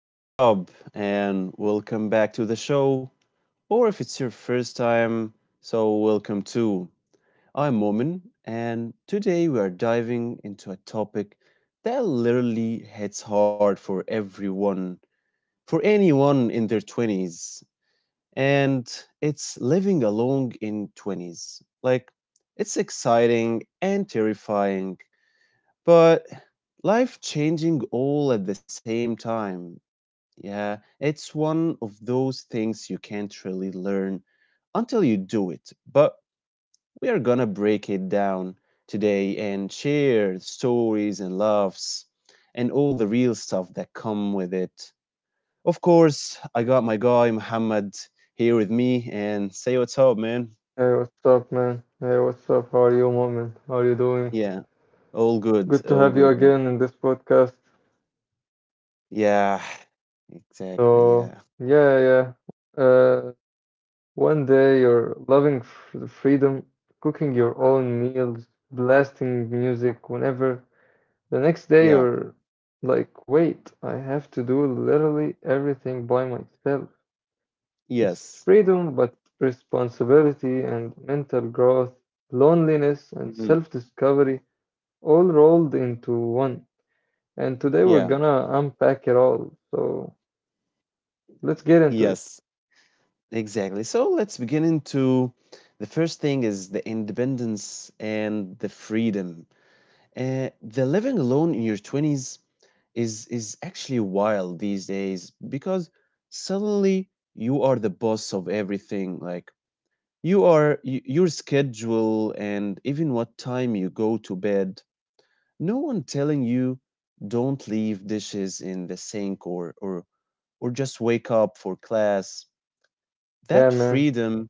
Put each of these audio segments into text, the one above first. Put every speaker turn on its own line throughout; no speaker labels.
what's up? And welcome back to the show. Or if it's your first time, so welcome too. I'm Momin, and today we are diving into a topic that literally hits hard for everyone, for anyone in their 20s. And it's living alone in 20s. Like, it's exciting and terrifying, but life changing all at the same time. Yeah, it's one of those things you can't really learn until you do it. But we are gonna break it down today and share stories and laughs and all the real stuff that come with it. Of course, I got my guy Muhammad here with me and say what's up,
Hey,
man.
what's up, man? Hey, what's up? How are you, Moment? How are you doing?
Yeah,
Good to have
all
you
good, man.
again in this podcast.
Yeah, exactly.
So,
Yeah,
yeah, yeah. Uh, one day you're loving f the freedom, cooking your own meals, blasting music whenever. The next day
yeah,
you're like, wait, I have to do literally everything by myself. It's
yes.
freedom, but responsibility and mental growth, loneliness and
Mhm.
self-discovery, all rolled into one. And today we're
Yeah,
gonna unpack it all. So let's get into it.
yes. Exactly. So let's begin into the first thing is the independence and the freedom. The living alone in your 20s is actually wild these days because suddenly you are the boss of everything. Like you are your schedule and even what time you go to bed. No one telling you don't leave dishes in the sink or just wake up for class.
Yeah,
that
man.
freedom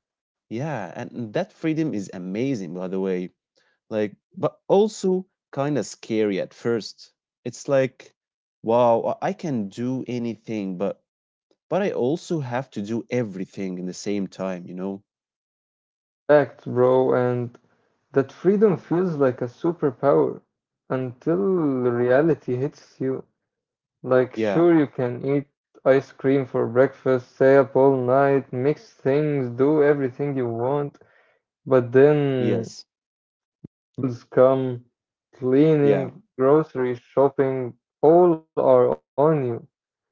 yeah, and and that freedom is amazing, by the way. Like, but also kind of scary at first. It's like, wow, I can do anything, but I also have to do everything in the same time, you know?
Facts, bro. And that freedom feels like a superpower until reality hits you. Like,
Yeah,
sure, you can eat ice cream for breakfast, stay up all night, mix things, do everything you want, but
yes,
then bills come,
yeah,
cleaning, grocery shopping, all are on you.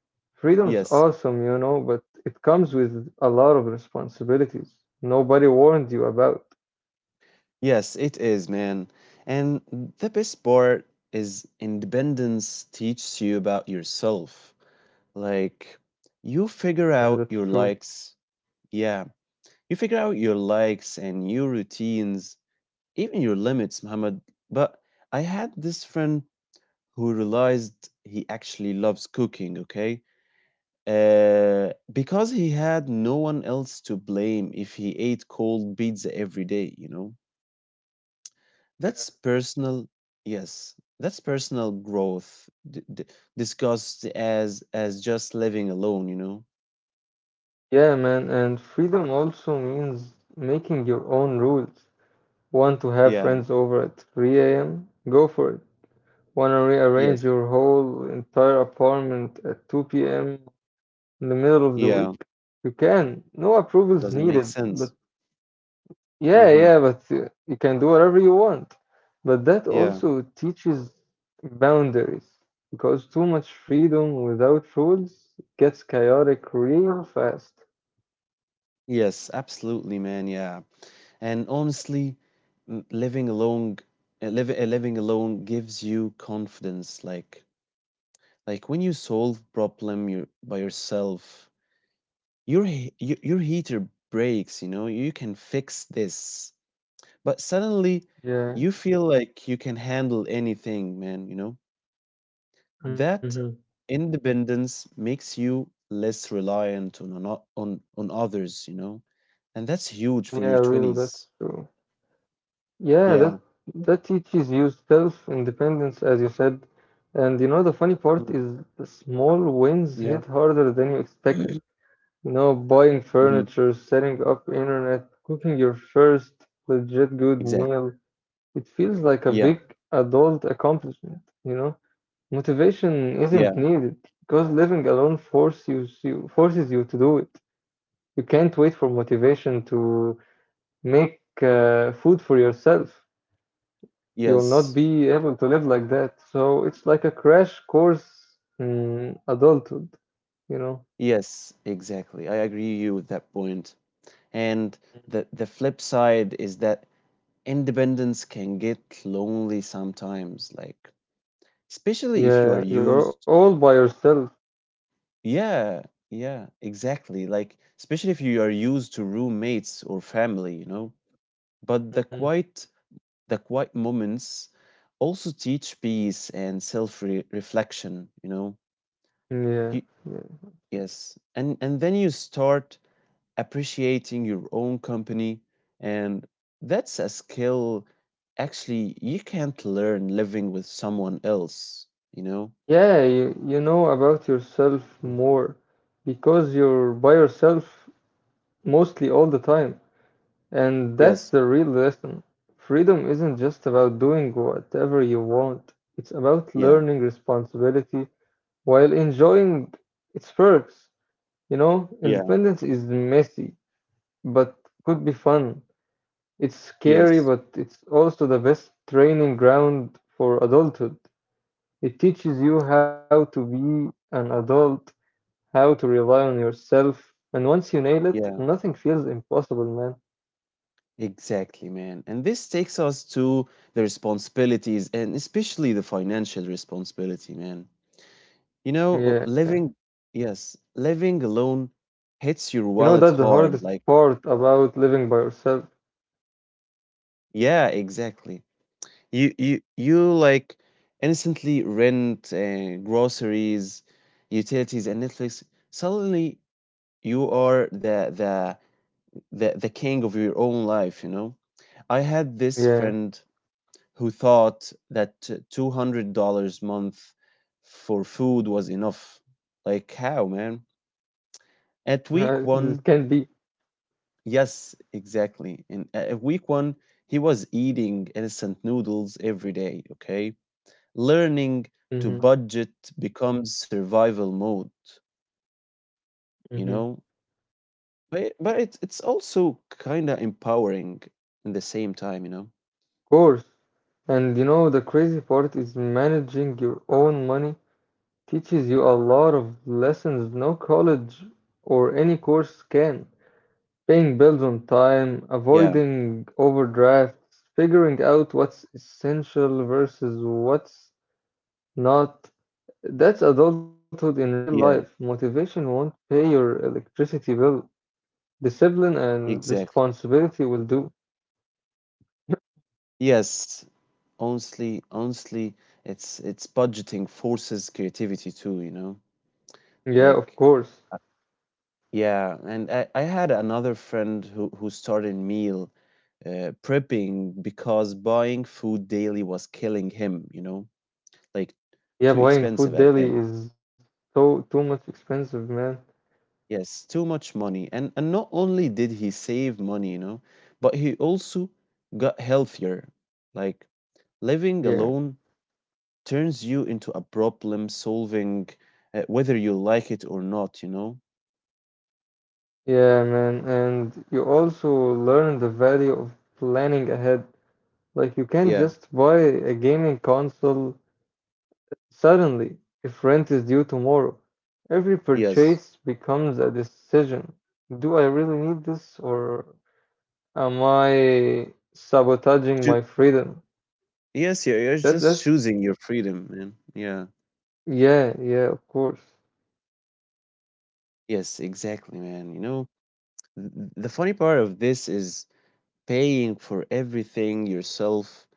Freedom's
yes,
awesome, you know, but it comes with a lot of responsibilities nobody warned you about.
yes, it is, man. And the best part is independence teaches you about yourself. Like, you figure
That's
out
true.
your likes. Yeah. You figure out your likes and your routines, even your limits, Muhammad. But I had this friend who realized he actually loves cooking, okay? Because he had no one else to blame if he ate cold pizza every day, you know?
Yeah.
That's personal, yes, that's personal growth discussed as just living alone, you know?
Yeah, man, and freedom also means making your own rules. Want to have
Yeah,
friends over at 3 a.m.? Go for it. Want to rearrange
yes.
your whole entire apartment at 2 p.m. in the middle of the
Yeah,
week? You can. No approvals
doesn't make
needed, but
sense.
yeah,
Mm-hmm.
yeah, but you can do whatever you want. But that
Yeah.
also teaches boundaries because too much freedom without rules gets chaotic real fast.
Yes, absolutely, man. Yeah, and honestly, m- living alone, living alone gives you confidence. Like when you solve problem you by yourself, your heater breaks. You know, you can fix this, but suddenly you
Yeah,
feel like you can handle anything, man. You know that
hmm,
independence makes you less reliant on others. You know, and that's huge for
yeah,
your
really, that's
twenties.
true. Yeah,
Yeah.
that that teaches you self-independence, as you said. And you know, the funny part
Mhm.
is the small wins
Yeah.
hit harder than you expect. Buying
Mhm.
furniture, setting up internet, cooking your first legit good
Exactly.
meal. It feels like a big
Yeah.
adult accomplishment, you know? Motivation isn't
Yeah.
needed because living alone forces you to do it. You can't wait for motivation to make food for yourself. You will not
Yes.
be able to live like that. So it's like a crash course in adulthood, you know?
Yes. Exactly. I agree you with that point. And the flip side is that independence can get lonely sometimes, like especially if you are
Yeah, you're
used.
all by yourself.
Yeah. Yeah. Exactly. Like especially if you are used to roommates or family, you know. But the
Mhm.
quiet the quiet moments also teach peace and self-reflection, you know. You
Yeah. Yeah.
Yes, and then you start appreciating your own company, and that's a skill actually you can't learn living with someone else, you know?
Yeah, you know about yourself more because you're by yourself, mostly all the time. And that's
Yes.
the real lesson. Freedom isn't just about doing whatever you want, it's about
Yeah.
learning responsibility while enjoying its perks. You know,
Yeah.
independence is messy, but could be fun. It's scary,
Yes.
but it's also the best training ground for adulthood. It teaches you how to be an adult, how to rely on yourself, and once you nail it,
Yeah.
nothing feels impossible,
Exactly, man. And this takes us to the responsibilities and especially the financial responsibility, man. You know,
man. Yeah.
living yes, living alone hits your
You know,
wallet
that's the
hard.
hardest
Like,
part about living by yourself.
yeah, exactly. You like instantly rent groceries, utilities, and Netflix. Suddenly, you are the king of your own life. You know, I had this friend
Yeah,
who thought that $200 month for food was enough. Like how, man? At week
this
one,
can be.
yes, exactly. In at week one, he was eating instant noodles every day. Okay, learning to
Mm-hmm.
budget becomes survival mode, you know?
Mm-hmm. Of
But it's also kind of empowering in the same time, you know?
course. And you know, the crazy part is managing your own money teaches you a lot of lessons no college or any course can. Paying bills on
Yeah.
time, avoiding overdrafts, figuring out what's essential versus what's not. That's adulthood in real
Yeah,
life. Motivation won't pay your electricity bill. Discipline and
exactly.
responsibility will do.
Yes. Honestly, it's budgeting forces creativity too, you know?
Yeah, of
Like
course.
uh, yeah, and I had another friend who started meal prepping because buying food daily was killing him, you know? Like,
Yeah,
too
buying
expensive
food
at
daily
him.
is so too much expensive, man.
Yes, too much money. And not only did he save money, you know, but he also got healthier. Like living
Yeah,
alone turns you into a problem solving, whether you like it or not, you know?
yeah, man. And you also learn the value of planning ahead. Like you can't
Yeah.
just buy a gaming console suddenly if rent is due tomorrow. Every
Yes.
purchase becomes a decision. Do I really need this or am I sabotaging
Choo-
my freedom?
yes, yeah, you're
That
just
that's
choosing your freedom, man. Yeah.
yeah, yeah, of course.
Yes, exactly, man. You know, the funny part of this is paying for everything yourself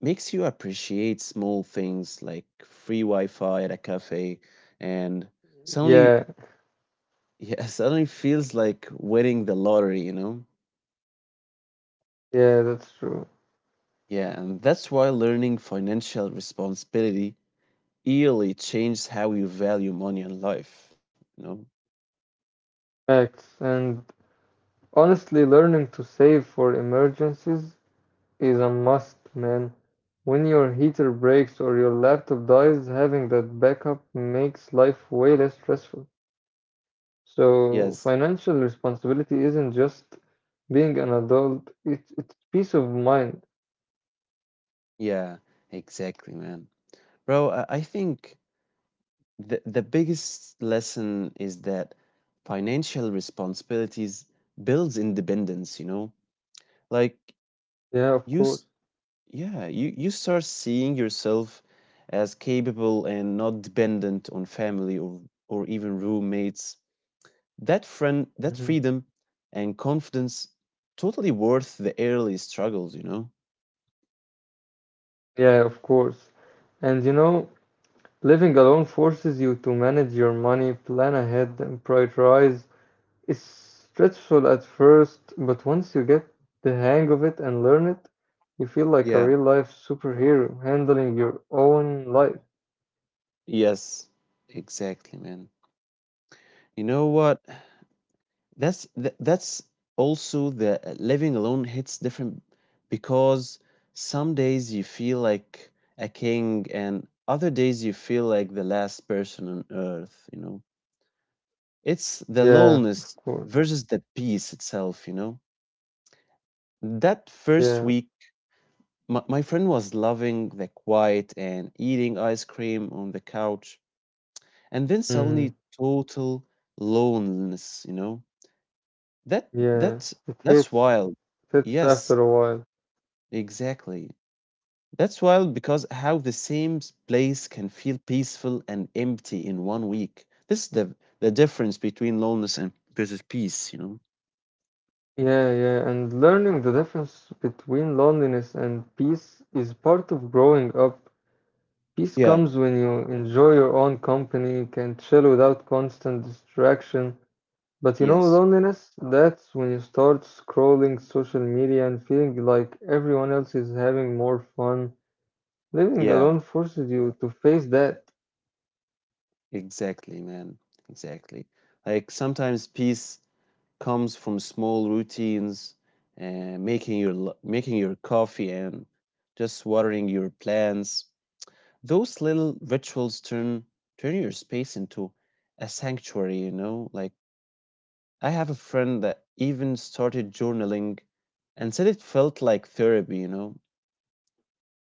makes you appreciate small things like free Wi-Fi at a cafe, and suddenly,
Yeah,
yeah, suddenly feels like winning the lottery, you know?
yeah, that's true.
Yeah, and that's why learning financial responsibility really changes how you value money and life, you know?
Facts. And honestly, learning to save for emergencies is a must, man. When your heater breaks or your laptop dies, having that backup makes life way less stressful. So,
Yes,
financial responsibility isn't just being an adult, it's peace of mind.
yeah, exactly, man. Bro, I think the biggest lesson is that financial responsibilities builds independence, you know? Like
Yeah, of
you
course.
s- yeah, you start seeing yourself as capable and not dependent on family, or even roommates. That friend, that
Hmm.
freedom and confidence totally worth the early struggles, you know?
Yeah, of course. And you know, living alone forces you to manage your money, plan ahead, and prioritize. It's stressful at first, but once you get the hang of it and learn it, you feel like a
Yeah.
real life superhero handling your own life.
Yes, exactly, man. You know what? That's also the living alone hits different because some days you feel like a king and other days you feel like the last person on earth, you know? It's the
Yeah,
loneliness
of course.
versus the peace itself, you know? That first
Yeah.
week, my friend was loving the quiet and eating ice cream on the couch, and then
Mhm.
suddenly total loneliness, you know? That
Yeah.
that
It
that's
hits.
wild.
It hits after
Yes,
a while.
exactly. That's wild because how the same place can feel peaceful and empty in one week. This is the difference between loneliness and versus peace, you know?
Yeah, yeah. And learning the difference between loneliness and peace is part of growing up. Peace
Yeah.
comes when you enjoy your own company, can chill without constant distraction. But you know,
Yes.
loneliness, that's when you start scrolling social media and feeling like everyone else is having more fun. Living
Yeah.
alone forces you to face that.
Exactly, man. Exactly. Like sometimes peace comes from small routines and making your coffee and just watering your plants. Those little rituals turn your space into a sanctuary, you know? Like I have a friend that even started journaling and said it felt like therapy, you know.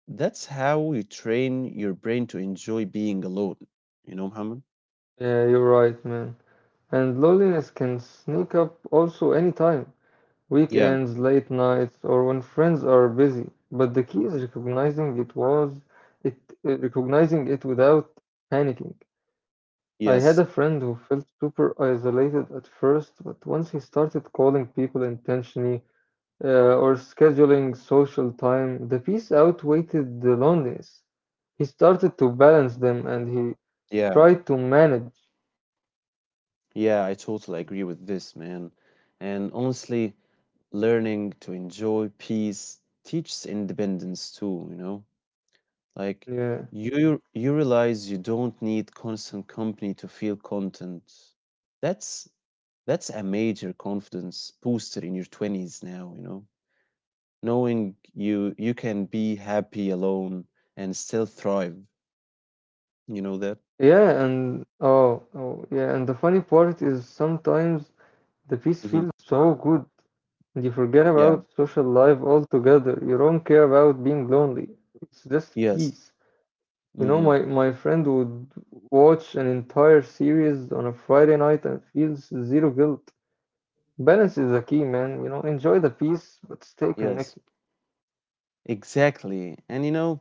That's how you train your brain to enjoy being alone, you know, Muhammad?
Yeah, you're right, man. And loneliness can sneak up also anytime.
Yeah,
Weekends, late nights, or when friends are busy. But the key is recognizing it was it recognizing it without panicking. I had a
yes,
friend who felt super isolated at first, but once he started calling people intentionally or scheduling social time, the peace outweighed the loneliness. He started to balance them and he
yeah,
tried to manage.
yeah, I totally agree with this, man. And honestly, learning to enjoy peace teaches independence too, you know. Like
Yeah.
you realize you don't need constant company to feel content. That's that's a major confidence booster in your 20s now, you know. Knowing you can be happy alone and still thrive. You know that?
Yeah, and the funny part is sometimes the peace
Hmm.
feels so good and you forget
Yeah.
about social life altogether. You don't care about being lonely. It's just
Yes.
peace. You know,
Hmm.
my, my friend would watch an entire series on a Friday night and feels zero guilt. Balance is the key, man. You know, enjoy the piece, but stay
Yes.
connected.
Exactly. And you know,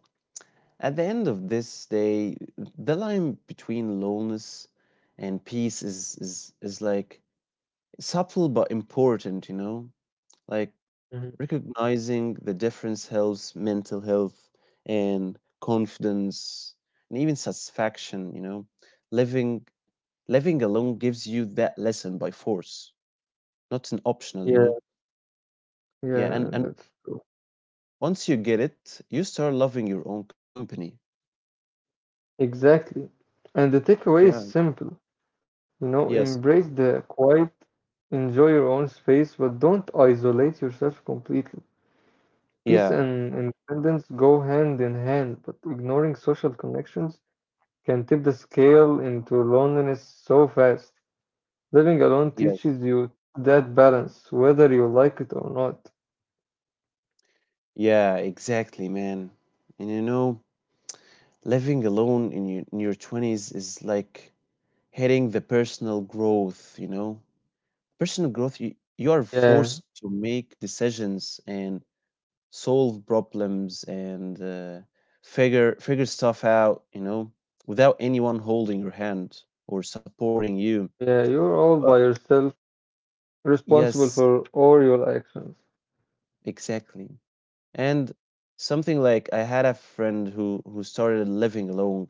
at the end of this day, the line between loneliness and peace is like subtle but important, you know? Like
Mhm.
recognizing the difference helps mental health and confidence and even satisfaction, you know. Living living alone gives you that lesson by force, not an optional, you
Yeah,
know. Yeah, and
yeah,
and
that's true.
once you get it, you start loving your own company.
Exactly. And the takeaway is
Yeah.
simple. You know,
Yes.
embrace the quiet, enjoy your own space, but don't isolate yourself completely. Peace
Yeah.
and independence go hand in hand, but ignoring social connections can tip the scale into loneliness so fast. Living alone
Yes.
teaches you that balance, whether you like it or not.
Yeah, exactly, man. And you know, living alone in your 20s is like hitting the personal growth, you know. Personal growth, you are
Yeah,
forced to make decisions and solve problems and figure stuff out, you know, without anyone holding your hand or supporting you.
yeah, you're all by
But
yourself, responsible for
yes,
all your actions.
exactly. And something like I had a friend who started living alone,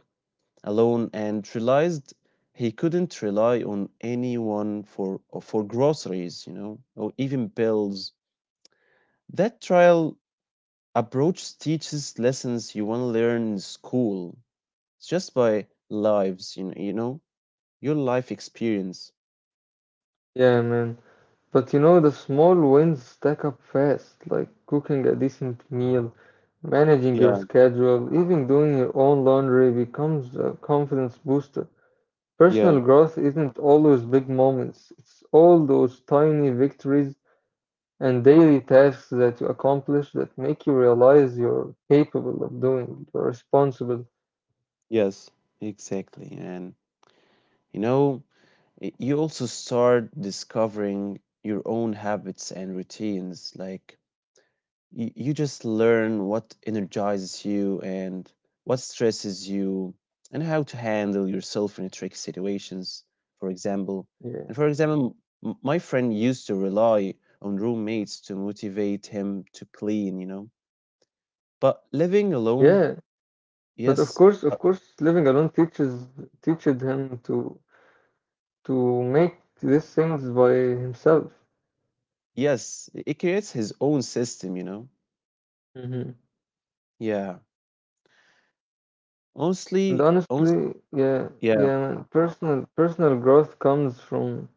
alone and realized he couldn't rely on anyone for groceries, you know, or even bills. That trial approach teaches lessons you want to learn in school. It's just by lives, you know, your life experience.
Yeah, man. But you know, the small wins stack up fast, like cooking a decent meal, managing your
Yeah,
schedule, even doing your own laundry becomes a confidence booster.
yeah,
Personal growth isn't always big moments, it's all those tiny victories and daily tasks that you accomplish that make you realize you're capable of doing, you're responsible.
yes, exactly, and you know, you also start discovering your own habits and routines, like you just learn what energizes you and what stresses you and how to handle yourself in tricky situations. for example
Yeah.
and for example my friend used to rely on roommates to motivate him to clean, you know, but living alone.
Yeah. But
Yes. uh,
of course, living alone teaches him to make these things by himself.
yes, it creates his own system, you know.
Hmm.
Yeah.
And
Honestly,
honestly, yeah,
yeah,
yeah, man, personal growth comes from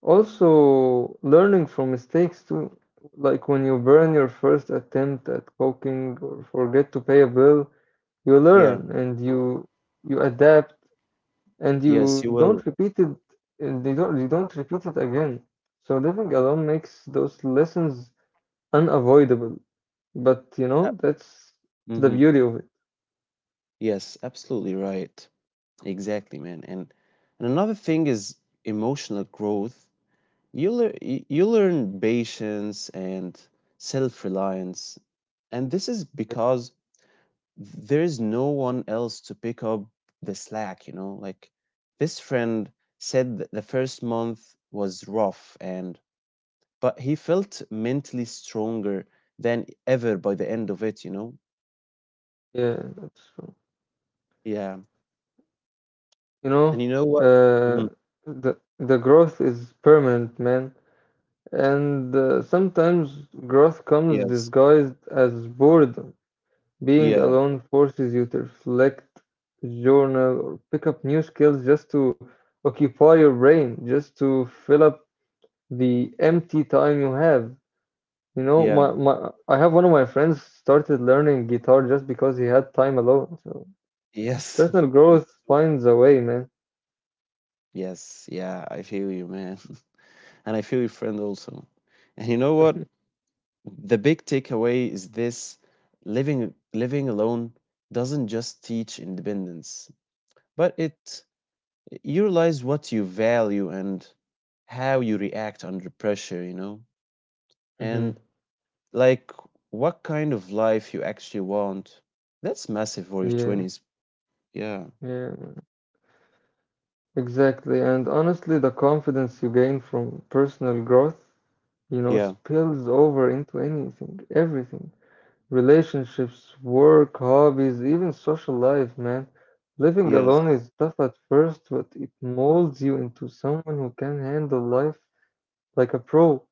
also learning from mistakes too. Like when you burn your first attempt at cooking or forget to pay a bill, you
yeah,
learn and you adapt and you
yes, you
don't
will.
repeat it and they don't you don't repeat it again, so living alone makes those lessons unavoidable, but you
uh,
know that's
mhm.
the beauty of it.
Yes, absolutely right. Exactly, man. And another thing is emotional growth. You learn patience and self-reliance. And this is because there is no one else to pick up the slack, you know? Like this friend said that the first month was rough and but he felt mentally stronger than ever by the end of it, you know?
Yeah, that's true.
Yeah.
You know,
And you know what?
uh
Mhm.
the growth is permanent, man. And sometimes growth comes
Yes.
disguised as boredom. Being
Yeah.
alone forces you to reflect, journal, or pick up new skills just to occupy your brain, just to fill up the empty time you have. You know, my,
Yeah.
my I have one of my friends started learning guitar just because he had time alone. So
Yes.
personal growth finds a way, man.
Yes, yeah, I feel you, man. And I feel your friend also. And you know what? The big takeaway is this: living alone doesn't just teach independence, but it you realize what you value and how you react under pressure, you know? And
Hmm.
like what kind of life you actually want. That's massive for your
Yeah,
20s. Yeah.
yeah, man, exactly. And honestly, the confidence you gain from personal growth, you know,
Yeah.
spills over into anything, everything. Relationships, work, hobbies, even social life, man. Living
Yes.
alone is tough at first, but it molds you into someone who can handle life like a pro.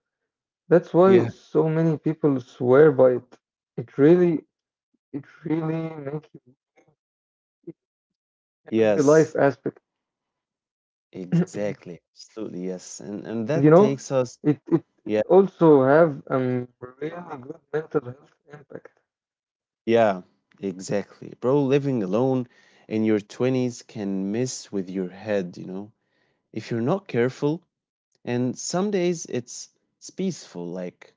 That's why
Yeah.
so many people swear by it. It really, it really makes you in every life
Yes.
aspect.
Exactly. Absolutely, yes. And
And
and
you
that
know,
takes us.
it
Yeah,
also have really good mental health impact.
yeah, exactly. Bro, living alone in your 20s can mess with your head, you know, if you're not careful. And some days it's peaceful, like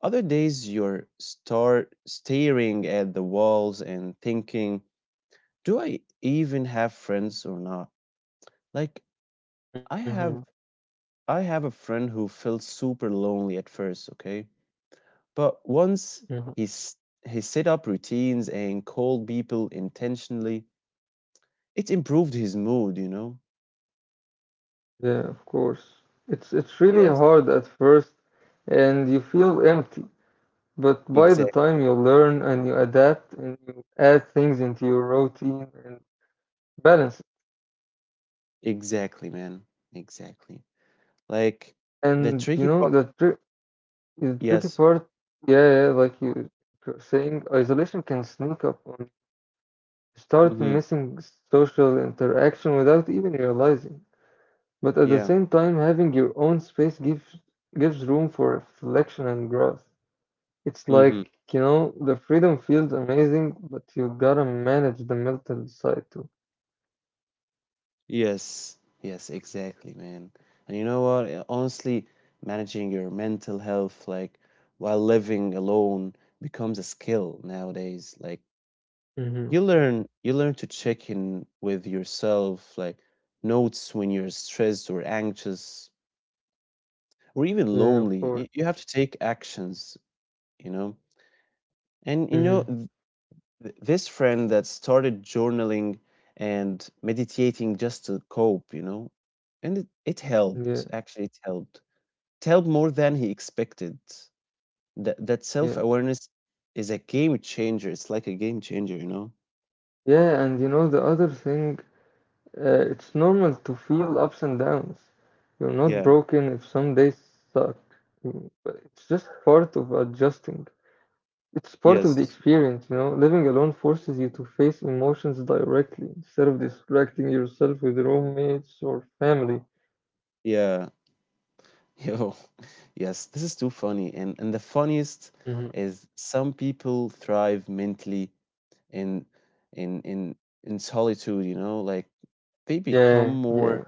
other days you're start staring at the walls and thinking, do I even have friends or not? Like
Mm-hmm.
I have I have a friend who felt super lonely at first, okay? But once he's, he set up routines and called people intentionally, it improved his mood, you know?
Yeah, of course. It's really
Yes.
hard at first and you feel empty, but by the
Exactly.
time you learn and you adapt and you add things into your routine and balance it.
Exactly, man. Exactly. Like the
And you
tricky
know
part.
the trick the tricky
Yes.
part, yeah, yeah, like you were saying, isolation can sneak up on you. Start
Mm-hmm.
missing social interaction without even realizing. But at the
Yeah.
same time, having your own space gives room for reflection and growth. It's
Mm-hmm.
like, you know, the freedom feels amazing, but you gotta manage the mental side too.
Yes. Yes, exactly, man. And you know what? Honestly, managing your mental health, like while living alone, becomes a skill nowadays. Like
Mm-hmm.
you learn to check in with yourself, like notes when you're stressed or anxious or even
Yeah, of
lonely,
course.
you have to take actions, you know. And
Mm-hmm.
this friend that started journaling and meditating just to cope, you know, and it
Yeah,
helped, actually it helped, it helped more than he expected. That
yeah.
self-awareness is a game changer. It's like a game changer, you know.
Yeah, and you know, the other thing, it's normal to feel ups and downs. You're not
Yeah.
broken if some days suck. But it's just part of adjusting. It's part of the
Yes.
experience, you know. Living alone forces you to face emotions directly instead of distracting yourself with roommates or family.
Yeah. Yo, yes, this is too funny. And the funniest
Mhm.
is some people thrive mentally in in in in solitude, you know, like they become
Yeah,
more,
yeah.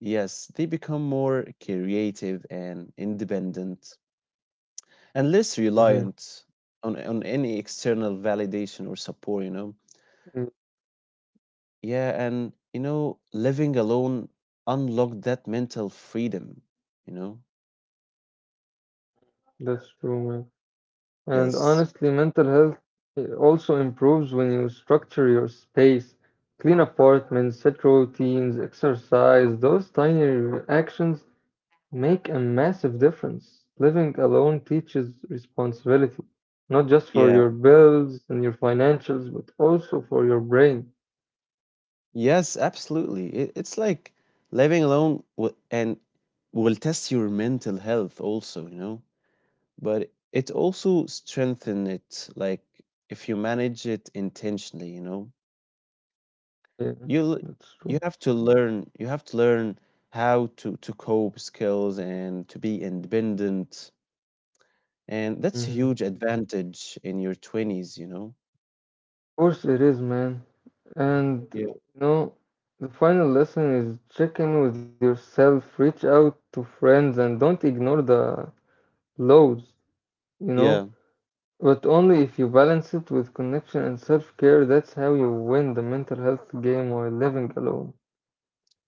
yes, they become more creative and independent and less
Mhm,
reliant on any external validation or support, you know.
mm,
Yeah, and you know, living alone unlocked that mental freedom, you know.
That's true, man. And
Yes.
honestly, mental health also improves when you structure your space, clean apartments, set routines, exercise. Those tiny actions make a massive difference. Living alone teaches responsibility, not just for
Yeah.
your bills and your financials, but also for your brain.
Yes, absolutely. It's like living alone will, and will test your mental health also, you know, but it also strengthen it, like if you manage it intentionally, you know.
Yeah,
You'll
that's true.
you have to learn how to cope skills and to be independent, and that's a huge advantage in your 20s, you know.
Course it is, man. And
Yeah.
you know, the final lesson is check in with yourself, reach out to friends, and don't ignore the lows, you
Yeah.
know. But only if you balance it with connection and self care, that's how you win the mental health game while living alone.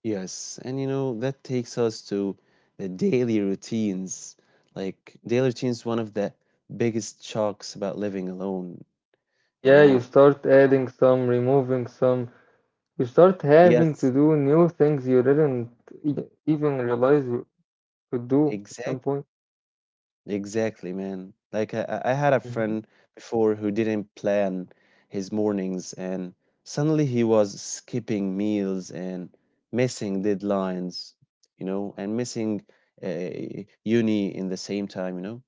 Yes, and you know that takes us to the daily routines. Like daily routines, one of the biggest shocks about living alone. You
Yeah, you
know,
start adding some, removing some, you start having to
yes,
do new things you didn't even realize you could do at
exact,
some point.
exactly, man. Like I had a
Mhm,
friend before who didn't plan his mornings, and suddenly he was skipping meals and missing deadlines. You know, and missing uh, uni in the same time. You know.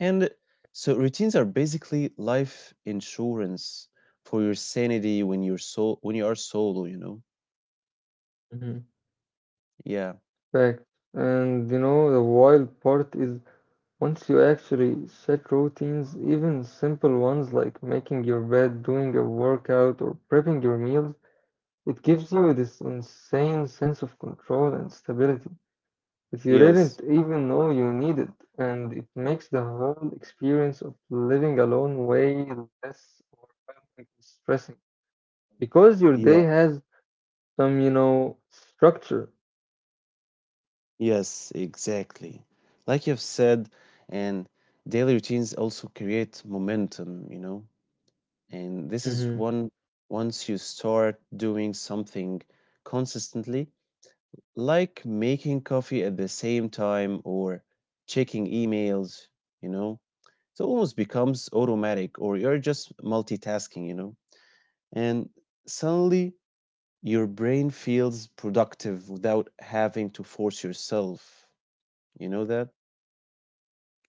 And so routines are basically life insurance for your sanity when you're so when you are solo, you know?
mhm.
Yeah.
Fact. And you know, the wild part is once you actually set routines, even simple ones like making your bed, doing a workout, or prepping your meals, it gives you this insane sense of control and stability that you
Yes.
didn't even know you needed. And it makes the whole experience of living alone way less overwhelming and stressing because your
Yeah.
day has some, you know, structure.
Yes, exactly. Like you've said, and daily routines also create momentum, you know? And this is one.
Hmm.
Once you start doing something consistently, like making coffee at the same time or checking emails, you know? So it almost becomes automatic, or you're just multitasking, you know? And suddenly your brain feels productive without having to force yourself. You know that?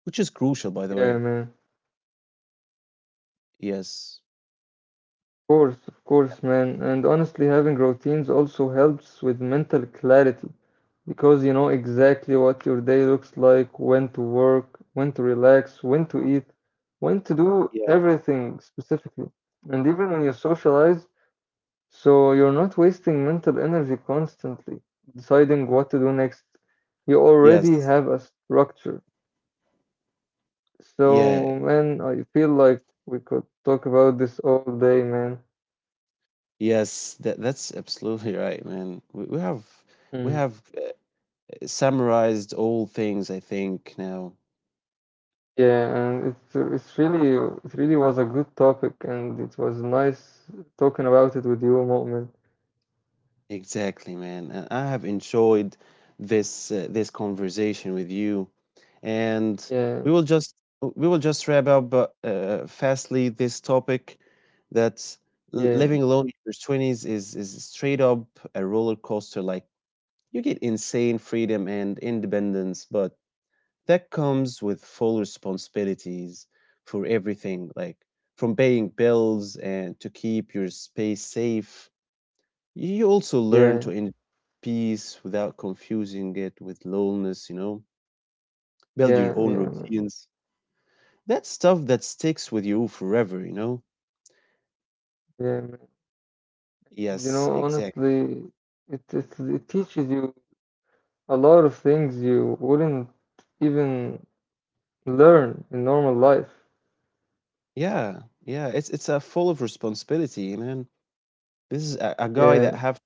Which is crucial,
Yeah,
by the way.
man.
Yes.
Course, of course, man. And honestly, having routines also helps with mental clarity because you know exactly what your day looks like, when to work, when to relax, when to eat, when to do
Yeah.
everything specifically. And even when you socialize, so you're not wasting mental energy constantly deciding what to do next. You already
Yes.
have a structure.
Yeah.
So, man, I feel like we could talk about this all day, man.
Yes. That that's absolutely right, man. We have summarized all things, I think, now.
Yeah, and it's really it really was a good topic, and it was nice talking about it with you, Mu'min.
Exactly, man. And I have enjoyed this conversation with you, and we
Yeah,
will just we will just wrap up fastly this topic that
yeah,
living alone in your twenties is straight up a roller coaster. Like you get insane freedom and independence, but that comes with full responsibilities for everything, like from paying bills and to keep your space safe. You also learn
yeah,
to enjoy peace without confusing it with loneliness, you know, build your
yeah,
own
yeah, man,
routines. That's stuff that sticks with you forever, you know?
yeah, man. And, you
Yes,
know,
exactly.
honestly, it teaches you a lot of things you wouldn't even learn in normal life.
Yeah, yeah. It's a full of responsibility, man. This is a guy that
Yeah.
have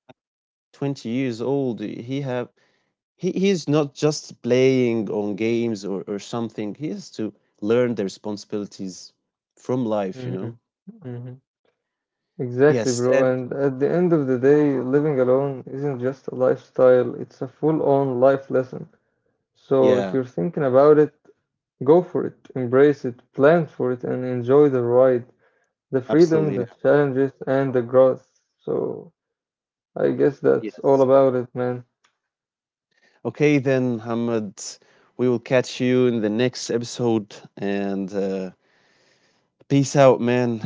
20 years old. He have he's not just playing on games, or something. He has to learn the responsibilities from life, you
Hmm.
know?
Hmm. Exactly,
Yes,
bro.
and
And at the end of the day, living alone isn't just a lifestyle, it's a full-on life lesson. So
yeah,
if you're thinking about it, go for it, embrace it, plan for it, and enjoy the ride, the
absolutely,
freedom,
yeah.
the challenges, and the growth. So I guess that's
Yes.
all about it, man.
Okay, then, Muhammad, we will catch you in the next episode. And peace out, man.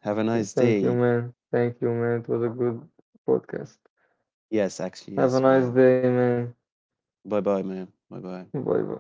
Have a nice
Thank you,
day.
man. Thank you, man. It was a good podcast.
Yes, actually,
Have a
yes,
nice
man.
day, man.
Bye bye, man. Bye bye.
Bye bye.